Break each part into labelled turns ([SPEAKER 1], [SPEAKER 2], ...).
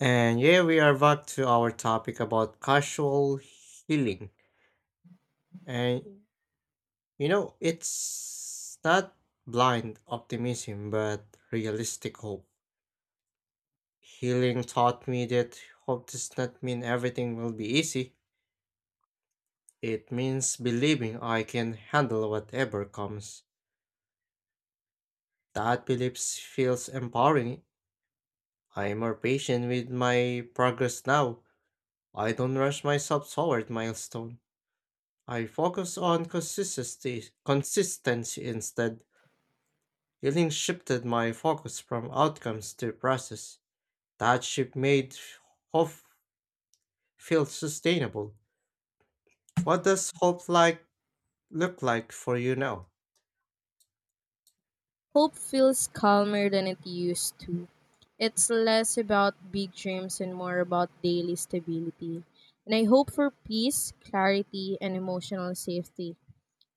[SPEAKER 1] And yeah, we are back to our topic about casual healing. And you know, it's not blind optimism, but realistic hope. Healing taught me that hope does not mean everything will be easy. It means believing I can handle whatever comes. That belief feels empowering. I am more patient with my progress now. I don't rush myself toward milestone. I focus on consistency instead. Healing shifted my focus from outcomes to process. That shift made hope feel sustainable. What does hope like look like for you now?
[SPEAKER 2] Hope feels calmer than it used to. It's less about big dreams and more about daily stability. And I hope for peace, clarity, and emotional safety.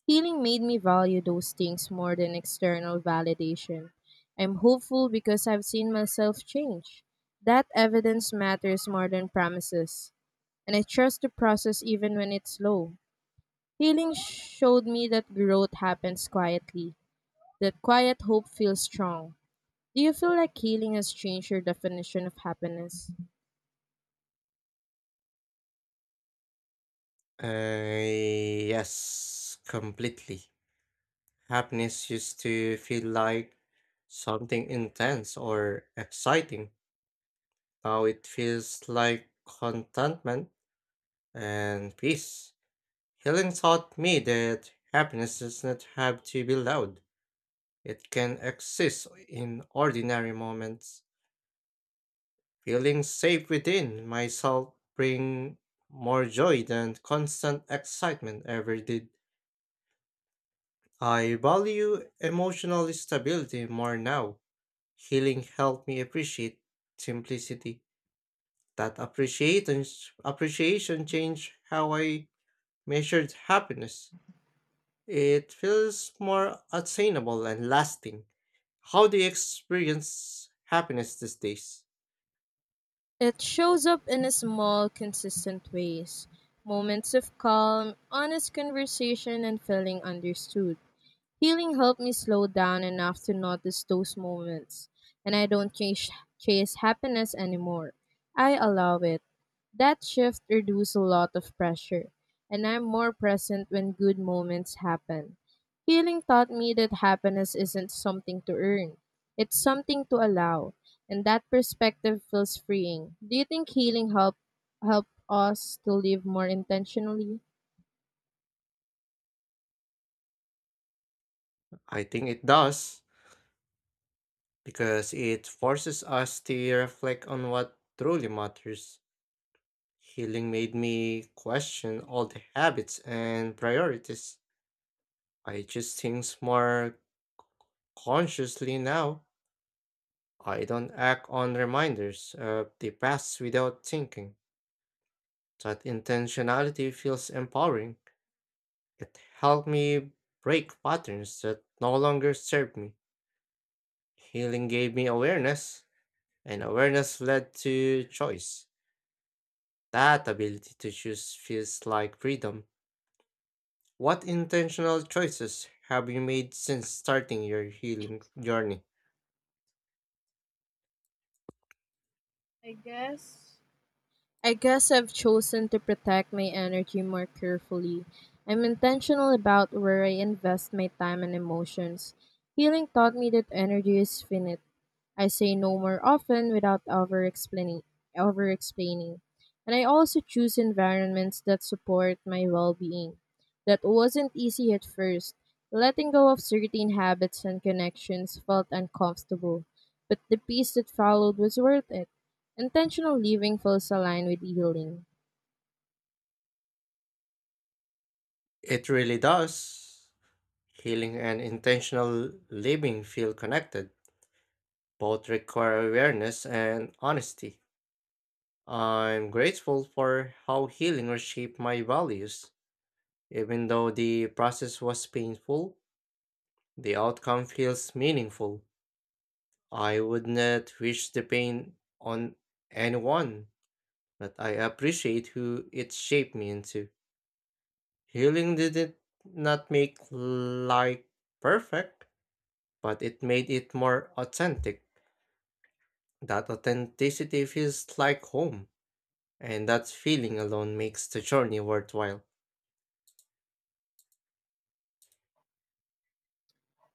[SPEAKER 2] Healing made me value those things more than external validation. I'm hopeful because I've seen myself change. That evidence matters more than promises. And I trust the process even when it's slow. Healing showed me that growth happens quietly, that quiet hope feels strong. Do you feel like healing has changed your definition of happiness?
[SPEAKER 1] Yes, completely. Happiness used to feel like something intense or exciting. Now it feels like contentment and peace. Healing taught me that happiness does not have to be loud. It can exist in ordinary moments. Feeling safe within myself bring more joy than constant excitement ever did. I value emotional stability more now. Healing helped me appreciate simplicity. That appreciation changed how I measured happiness. It feels more attainable and lasting. How do you experience happiness these days?
[SPEAKER 2] It shows up in small, consistent ways, moments of calm, honest conversation, and feeling understood. Healing helped me slow down enough to notice those moments, and I don't chase happiness anymore. I allow it. That shift reduced a lot of pressure, and I'm more present when good moments happen. Healing taught me that happiness isn't something to earn, it's something to allow, and that perspective feels freeing. Do you think healing help us to live more intentionally?
[SPEAKER 1] I think it does, because it forces us to reflect on what truly matters. Healing made me question all the habits and priorities. I choose things more consciously now. I don't act on reminders of the past without thinking. That intentionality feels empowering. It helped me break patterns that no longer serve me. Healing gave me awareness, and awareness led to choice. That ability to choose feels like freedom. What intentional choices have you made since starting your healing journey?
[SPEAKER 2] I guess I guess I've chosen to protect my energy more carefully. I'm intentional about where I invest my time and emotions. Healing taught me that energy is finite. I say no more often without over explaining. And I also choose environments that support my well being. That wasn't easy at first. Letting go of certain habits and connections felt uncomfortable, but the peace that followed was worth it. Intentional living feels aligned with healing.
[SPEAKER 1] It really does. Healing and intentional living feel connected. Both require awareness and honesty. I'm grateful for how healing reshaped my values. Even though the process was painful, the outcome feels meaningful. I would not wish the pain on anyone, but I appreciate who it shaped me into. Healing did it not make life perfect, but it made it more authentic. That authenticity feels like home, and that feeling alone makes the journey worthwhile.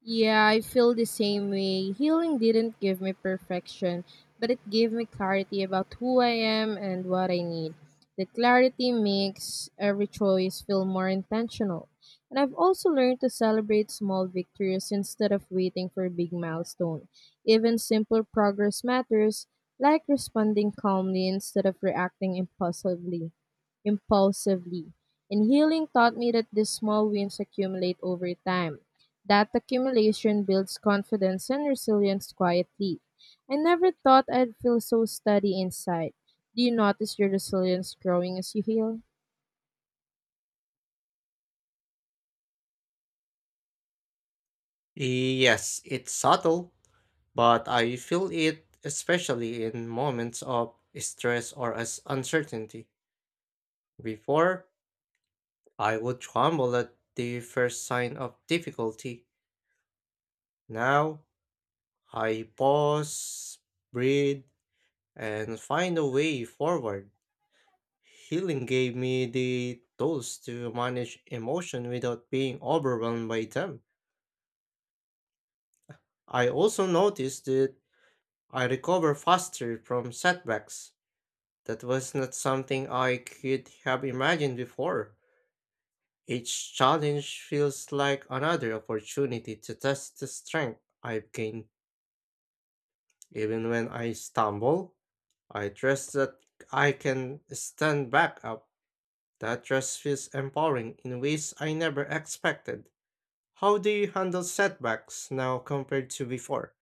[SPEAKER 2] Yeah, I feel the same way. Healing didn't give me perfection, but it gave me clarity about who I am and what I need. The clarity makes every choice feel more intentional. And I've also learned to celebrate small victories instead of waiting for a big milestone. Even simple progress matters, like responding calmly instead of reacting impulsively. Impulsively. And healing taught me that these small wins accumulate over time. That accumulation builds confidence and resilience quietly. I never thought I'd feel so steady inside. Do you notice your resilience growing as you heal?
[SPEAKER 1] Yes, it's subtle, but I feel it especially in moments of stress or as uncertainty. Before, I would tremble at the first sign of difficulty. Now I pause, breathe, and find a way forward. Healing gave me the tools to manage emotion without being overwhelmed by them. I also noticed that I recover faster from setbacks. That was not something I could have imagined before. Each challenge feels like another opportunity to test the strength I've gained. Even when I stumble, I trust that I can stand back up. That trust feels empowering in ways I never expected. How do you handle setbacks now compared to before?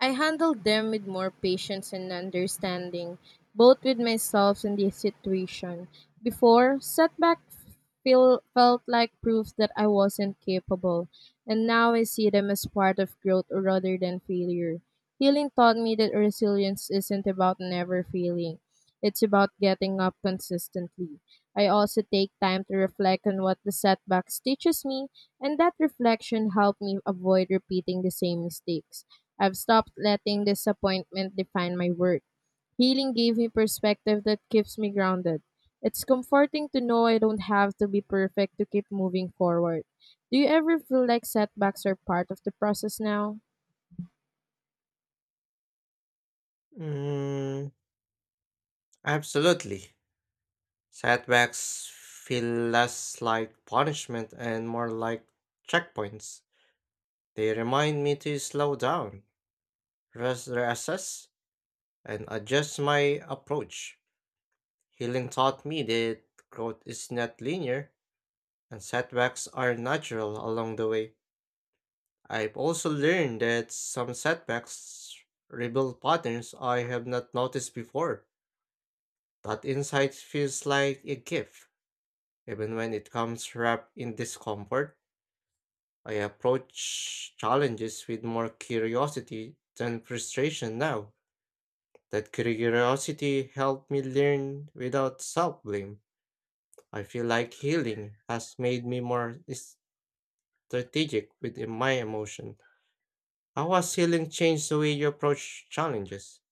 [SPEAKER 2] I handled them with more patience and understanding, both with myself and the situation. Before, setback felt like proof that I wasn't capable, and now I see them as part of growth rather than failure. Healing taught me that resilience isn't about never failing, it's about getting up consistently. I also take time to reflect on what the setbacks teaches me, and that reflection helped me avoid repeating the same mistakes. I've stopped letting disappointment define my work. Healing gave me perspective that keeps me grounded. It's comforting to know I don't have to be perfect to keep moving forward. Do you ever feel like setbacks are part of the process now?
[SPEAKER 1] Mm, Absolutely. Setbacks feel less like punishment and more like checkpoints. They remind me to slow down, reassess, and adjust my approach. Healing taught me that growth is not linear, and setbacks are natural along the way. I've also learned that some setbacks reveal patterns I have not noticed before. That insight feels like a gift, even when it comes wrapped in discomfort. I approach challenges with more curiosity than frustration now. That curiosity helped me learn without self blame. I feel like healing has made me more strategic with my emotion. How has healing changed the way you approach challenges?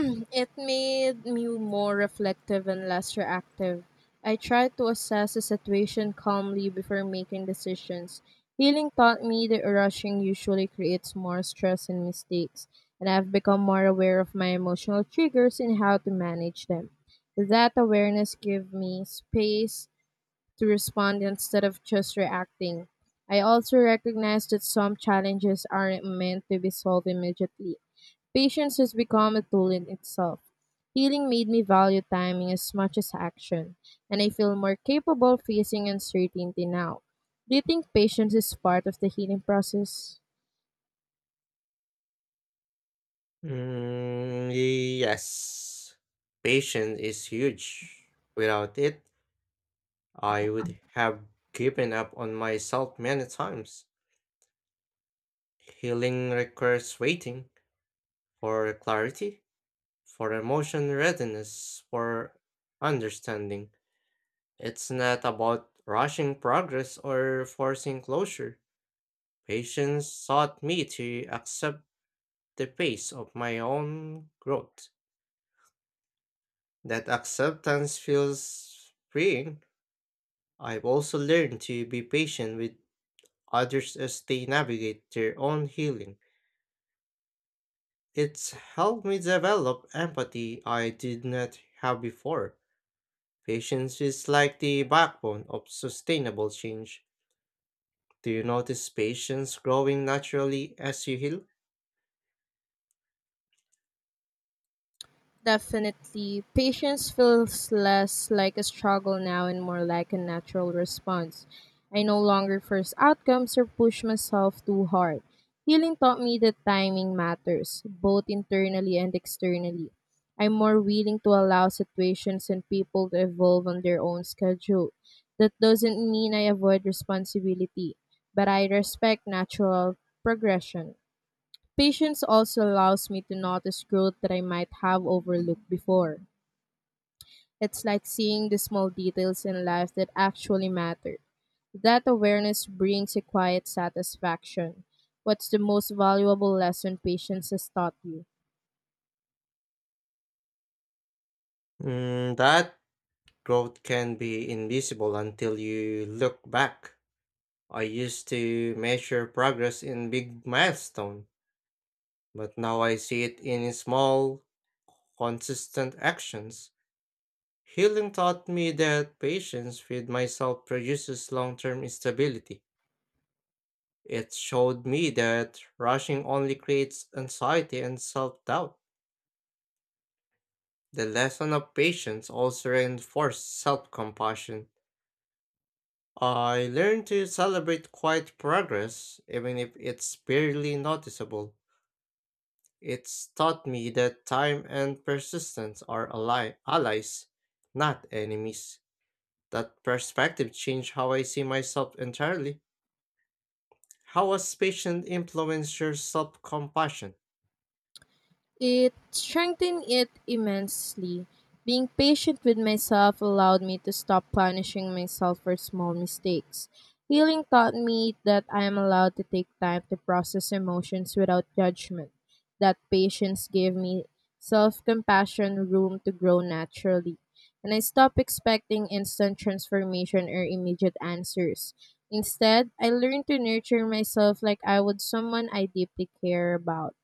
[SPEAKER 2] It made me more reflective and less reactive. I tried to assess the situation calmly before making decisions. Healing taught me that rushing usually creates more stress and mistakes, and I've become more aware of my emotional triggers and how to manage them. That awareness gave me space to respond instead of just reacting. I also recognize that some challenges aren't meant to be solved immediately. Patience has become a tool in itself. Healing made me value timing as much as action, and I feel more capable facing uncertainty now. Do you think patience is part of the healing process?
[SPEAKER 1] Yes. Patience is huge. Without it, I would have given up on myself many times. Healing requires waiting for clarity, for emotion readiness, for understanding. It's not about rushing progress or forcing closure. Patience taught me to accept the pace of my own growth. That acceptance feels freeing. I've also learned to be patient with others as they navigate their own healing. It's helped me develop empathy I did not have before. Patience is like the backbone of sustainable change. Do you notice patience growing naturally as you heal?
[SPEAKER 2] Definitely, patience feels less like a struggle now and more like a natural response. I no longer force outcomes or push myself too hard. Healing taught me that timing matters, both internally and externally. I'm more willing to allow situations and people to evolve on their own schedule. That doesn't mean I avoid responsibility, but I respect natural progression. Patience also allows me to notice growth that I might have overlooked before. It's like seeing the small details in life that actually matter. That awareness brings a quiet satisfaction. What's the most valuable lesson patience has taught you?
[SPEAKER 1] That growth can be invisible until you look back. I used to measure progress in big milestones. But now I see it in small, consistent actions. Healing taught me that patience with myself produces long term stability. It showed me that rushing only creates anxiety and self doubt. The lesson of patience also reinforced self compassion. I learned to celebrate quiet progress, even if it's barely noticeable. It's taught me that time and persistence are allies, not enemies. That perspective changed how I see myself entirely. How has patience influenced your self compassion?
[SPEAKER 2] It strengthened it immensely. Being patient with myself allowed me to stop punishing myself for small mistakes. Healing taught me that I am allowed to take time to process emotions without judgment. That patience gave me self compassion room to grow naturally. And I stopped expecting instant transformation or immediate answers. Instead, I learned to nurture myself like I would someone I deeply care about.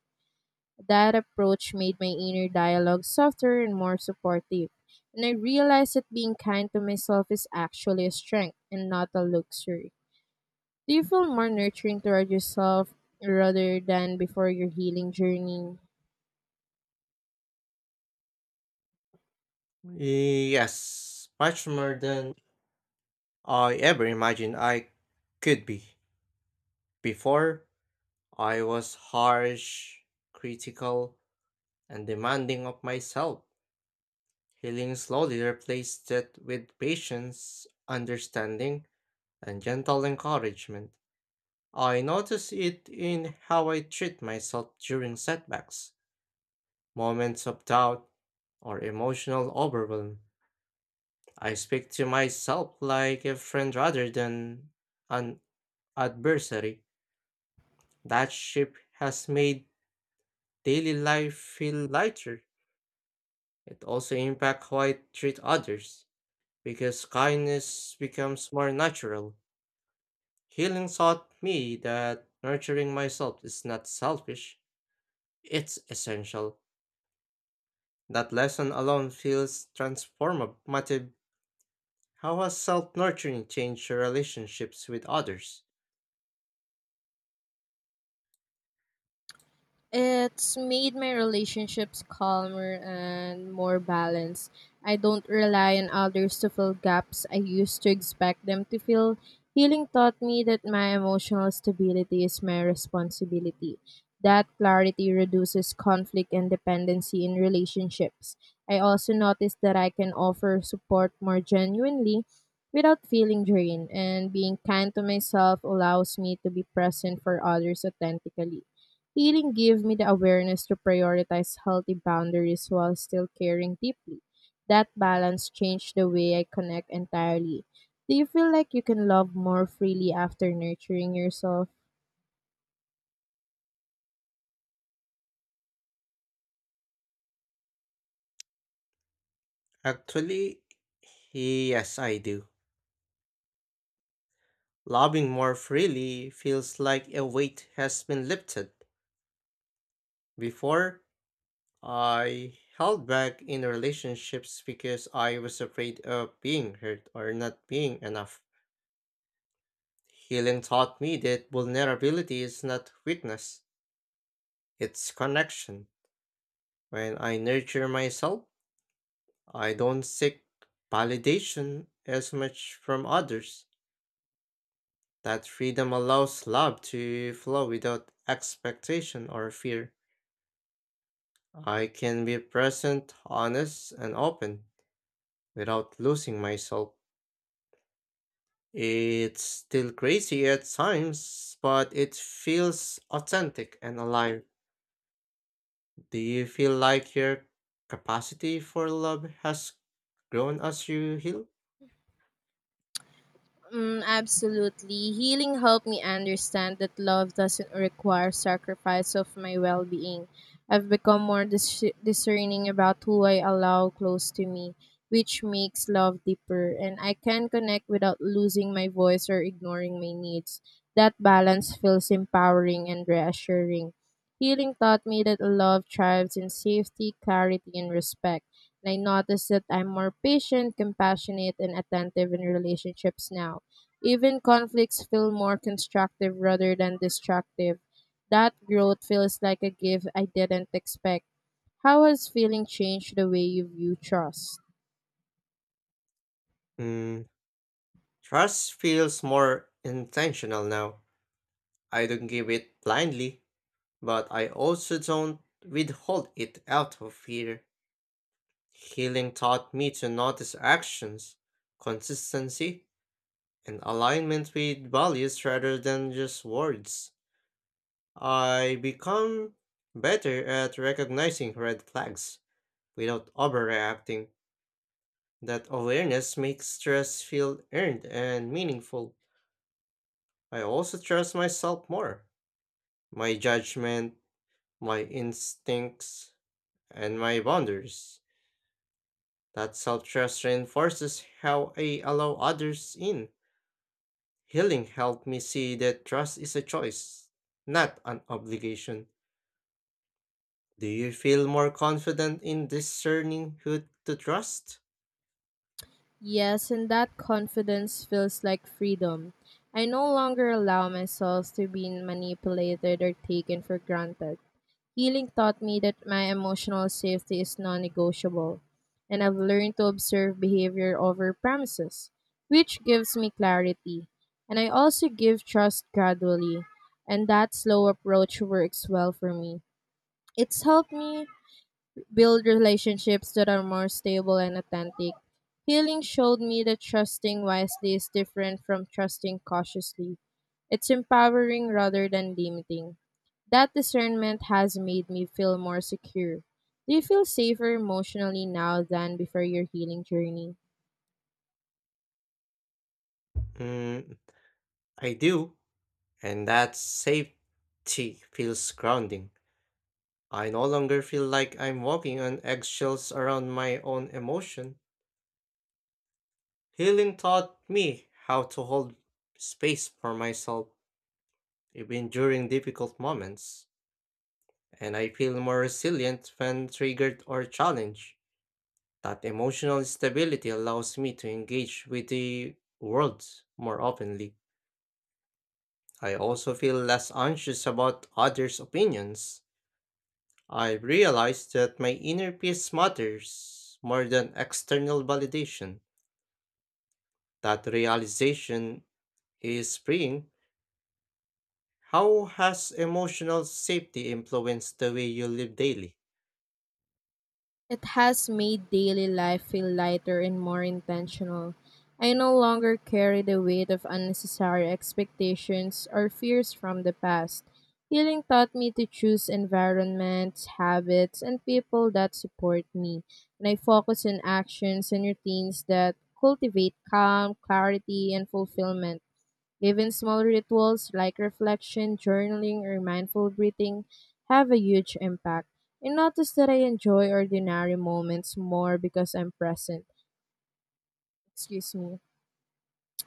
[SPEAKER 2] That approach made my inner dialogue softer and more supportive. And I realized that being kind to myself is actually a strength and not a luxury. Do you feel more nurturing toward yourself rather than before your healing journey?
[SPEAKER 1] Yes, much more than I ever imagined I could be. Before, I was harsh, critical, and demanding of myself. Healing slowly replaced that with patience, understanding, and gentle encouragement. I notice it in how I treat myself during setbacks, moments of doubt, or emotional overwhelm. I speak to myself like a friend rather than an adversary. That shift has made daily life feel lighter. It also impacts how I treat others because kindness becomes more natural. Healing taught me that nurturing myself is not selfish, it's essential. That lesson alone feels transformative. How has self nurturing changed your relationships with others?
[SPEAKER 2] It's made my relationships calmer and more balanced. I don't rely on others to fill gaps I used to expect them to fill. Healing taught me that my emotional stability is my responsibility. That clarity reduces conflict and dependency in relationships. I also noticed that I can offer support more genuinely without feeling drained, and being kind to myself allows me to be present for others authentically. Healing gave me the awareness to prioritize healthy boundaries while still caring deeply. That balance changed the way I connect entirely. Do you feel like you can love more freely after nurturing yourself?
[SPEAKER 1] Actually, yes, I do. Loving more freely feels like a weight has been lifted. Before, I held back in relationships because I was afraid of being hurt or not being enough. Healing taught me that vulnerability is not weakness, it's connection. When I nurture myself, I don't seek validation as much from others. That freedom allows love to flow without expectation or fear. I can be present, honest, and open without losing myself. It's still crazy at times, but it feels authentic and alive. Do you feel like your capacity for love has grown as you heal?
[SPEAKER 2] Mm, absolutely. Healing helped me understand that love doesn't require sacrifice of my well being. I've become more discerning about who I allow close to me, which makes love deeper, and I can connect without losing my voice or ignoring my needs. That balance feels empowering and reassuring. Healing taught me that love thrives in safety, clarity, and respect. And I noticed that I'm more patient, compassionate, and attentive in relationships now. Even conflicts feel more constructive rather than destructive. That growth feels like a gift I didn't expect. How has feeling changed the way you view trust?
[SPEAKER 1] Mm, Trust feels more intentional now. I don't give it blindly, but I also don't withhold it out of fear. Healing taught me to notice actions, consistency, and alignment with values rather than just words. I become better at recognizing red flags without overreacting. That awareness makes stress feel earned and meaningful. I also trust myself more, my judgment, my instincts, and my boundaries. That self trust reinforces how I allow others in. Healing helped me see that trust is a choice, not an obligation. Do you feel more confident in discerning who to trust?
[SPEAKER 2] Yes, and that confidence feels like freedom. I no longer allow myself to be manipulated or taken for granted. Healing taught me that my emotional safety is non negotiable, and I've learned to observe behavior over promises, which gives me clarity. And I also give trust gradually, and that slow approach works well for me. It's helped me build relationships that are more stable and authentic. Healing showed me that trusting wisely is different from trusting cautiously. It's empowering rather than limiting. That discernment has made me feel more secure. Do you feel safer emotionally now than before your healing journey?
[SPEAKER 1] Mm, I do, and that safety feels grounding. I no longer feel like I'm walking on eggshells around my own emotion. Healing taught me how to hold space for myself even during difficult moments, and I feel more resilient when triggered or challenged. That emotional stability allows me to engage with the world more openly. I also feel less anxious about others' opinions. I realized that my inner peace matters more than external validation. That realization is freeing. How has emotional safety influenced the way you live daily?
[SPEAKER 2] It has made daily life feel lighter and more intentional. I no longer carry the weight of unnecessary expectations or fears from the past. Healing taught me to choose environments, habits, and people that support me, and I focus on actions and routines that cultivate calm, clarity, and fulfillment. Even small rituals like reflection, journaling, or mindful breathing have a huge impact. And notice that I enjoy ordinary moments more because I'm present. Excuse me.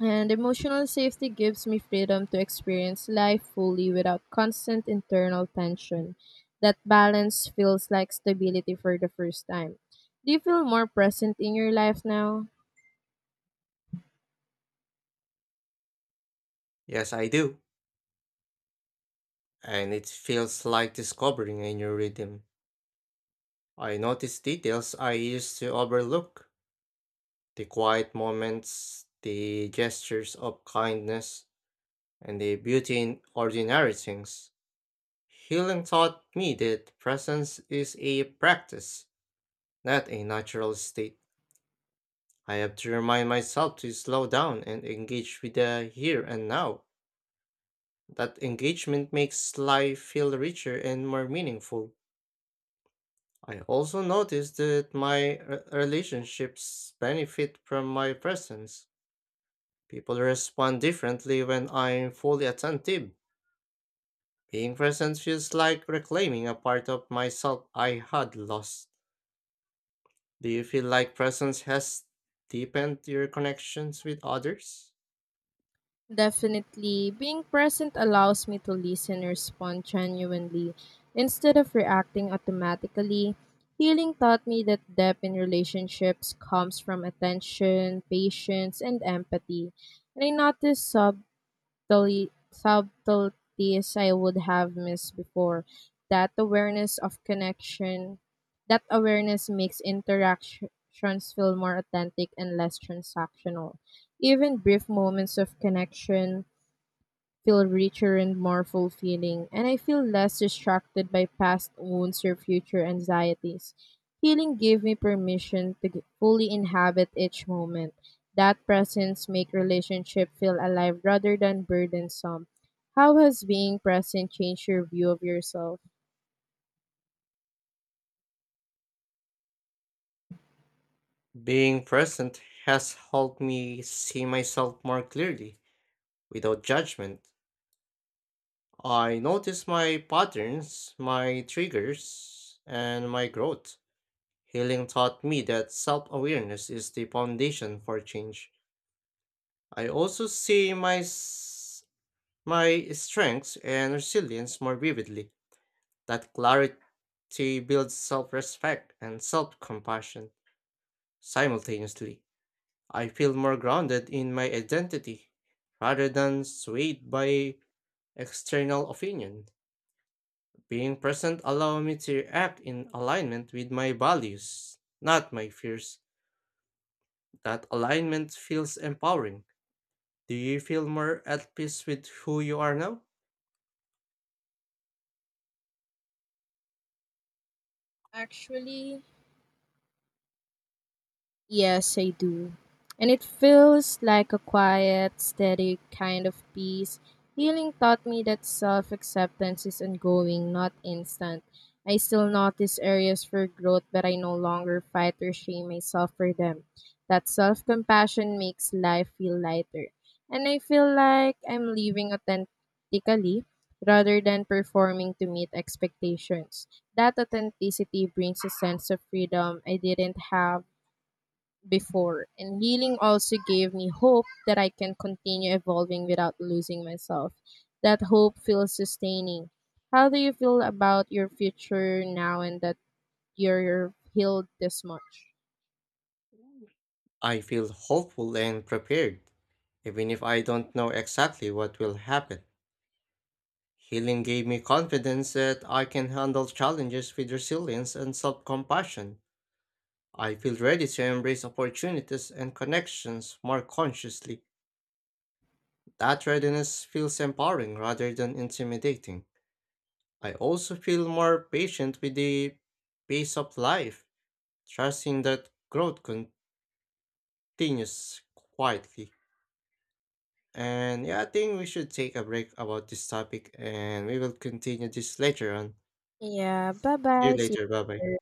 [SPEAKER 2] And emotional safety gives me freedom to experience life fully without constant internal tension. That balance feels like stability for the first time. Do you feel more present in your life now?
[SPEAKER 1] Yes, I do. And it feels like discovering a new rhythm. I notice details I used to overlook, the quiet moments, the gestures of kindness, and the beauty in ordinary things. Healing taught me that presence is a practice, not a natural state. I have to remind myself to slow down and engage with the here and now. That engagement makes life feel richer and more meaningful. I also notice that my relationships benefit from my presence. People respond differently when I'm fully attentive. Being present feels like reclaiming a part of myself I had lost. Do you feel like presence has deepened your connections with others?
[SPEAKER 2] Definitely, being present allows me to listen and respond genuinely instead of reacting automatically. Healing taught me that depth in relationships comes from attention, patience, and empathy. And I noticed subtleties I would have missed before. That awareness of connection, that awareness makes interactions feel more authentic and less transactional. Even brief moments of connection feel richer and more fulfilling, and I feel less distracted by past wounds or future anxieties. Healing gave me permission to fully inhabit each moment. That presence make relationship feel alive rather than burdensome. How has being present changed your view of yourself?
[SPEAKER 1] Being present has helped me see myself more clearly, without judgment. I notice my patterns, my triggers, and my growth. Healing taught me that self awareness is the foundation for change. I also see my strengths and resilience more vividly. That clarity builds self respect and self compassion simultaneously. I feel more grounded in my identity rather than swayed by external opinion. Being present allow me to act in alignment with my values, not my fears. That alignment feels empowering. Do you feel more at peace with who you are now?
[SPEAKER 2] Actually, yes, I do. And it feels like a quiet, steady kind of peace. Healing taught me that self acceptance is ongoing, not instant. I still notice areas for growth, but I no longer fight or shame myself for them. That self compassion makes life feel lighter. And I feel like I'm living authentically rather than performing to meet expectations. That authenticity brings a sense of freedom I didn't have before. And healing also gave me hope that I can continue evolving without losing myself. That hope feels sustaining. How do you feel about your future now and that you're healed this much?
[SPEAKER 1] I feel hopeful and prepared, even if I don't know exactly what will happen. Healing gave me confidence that I can handle challenges with resilience and self compassion. I feel ready to embrace opportunities and connections more consciously. That readiness feels empowering rather than intimidating. I also feel more patient with the pace of life, trusting that growth continues quietly. And yeah, I think we should take a break about this topic and we will continue this later on.
[SPEAKER 2] Yeah, bye
[SPEAKER 1] See you
[SPEAKER 2] bye. See
[SPEAKER 1] later. Bye
[SPEAKER 2] you
[SPEAKER 1] bye.
[SPEAKER 2] later.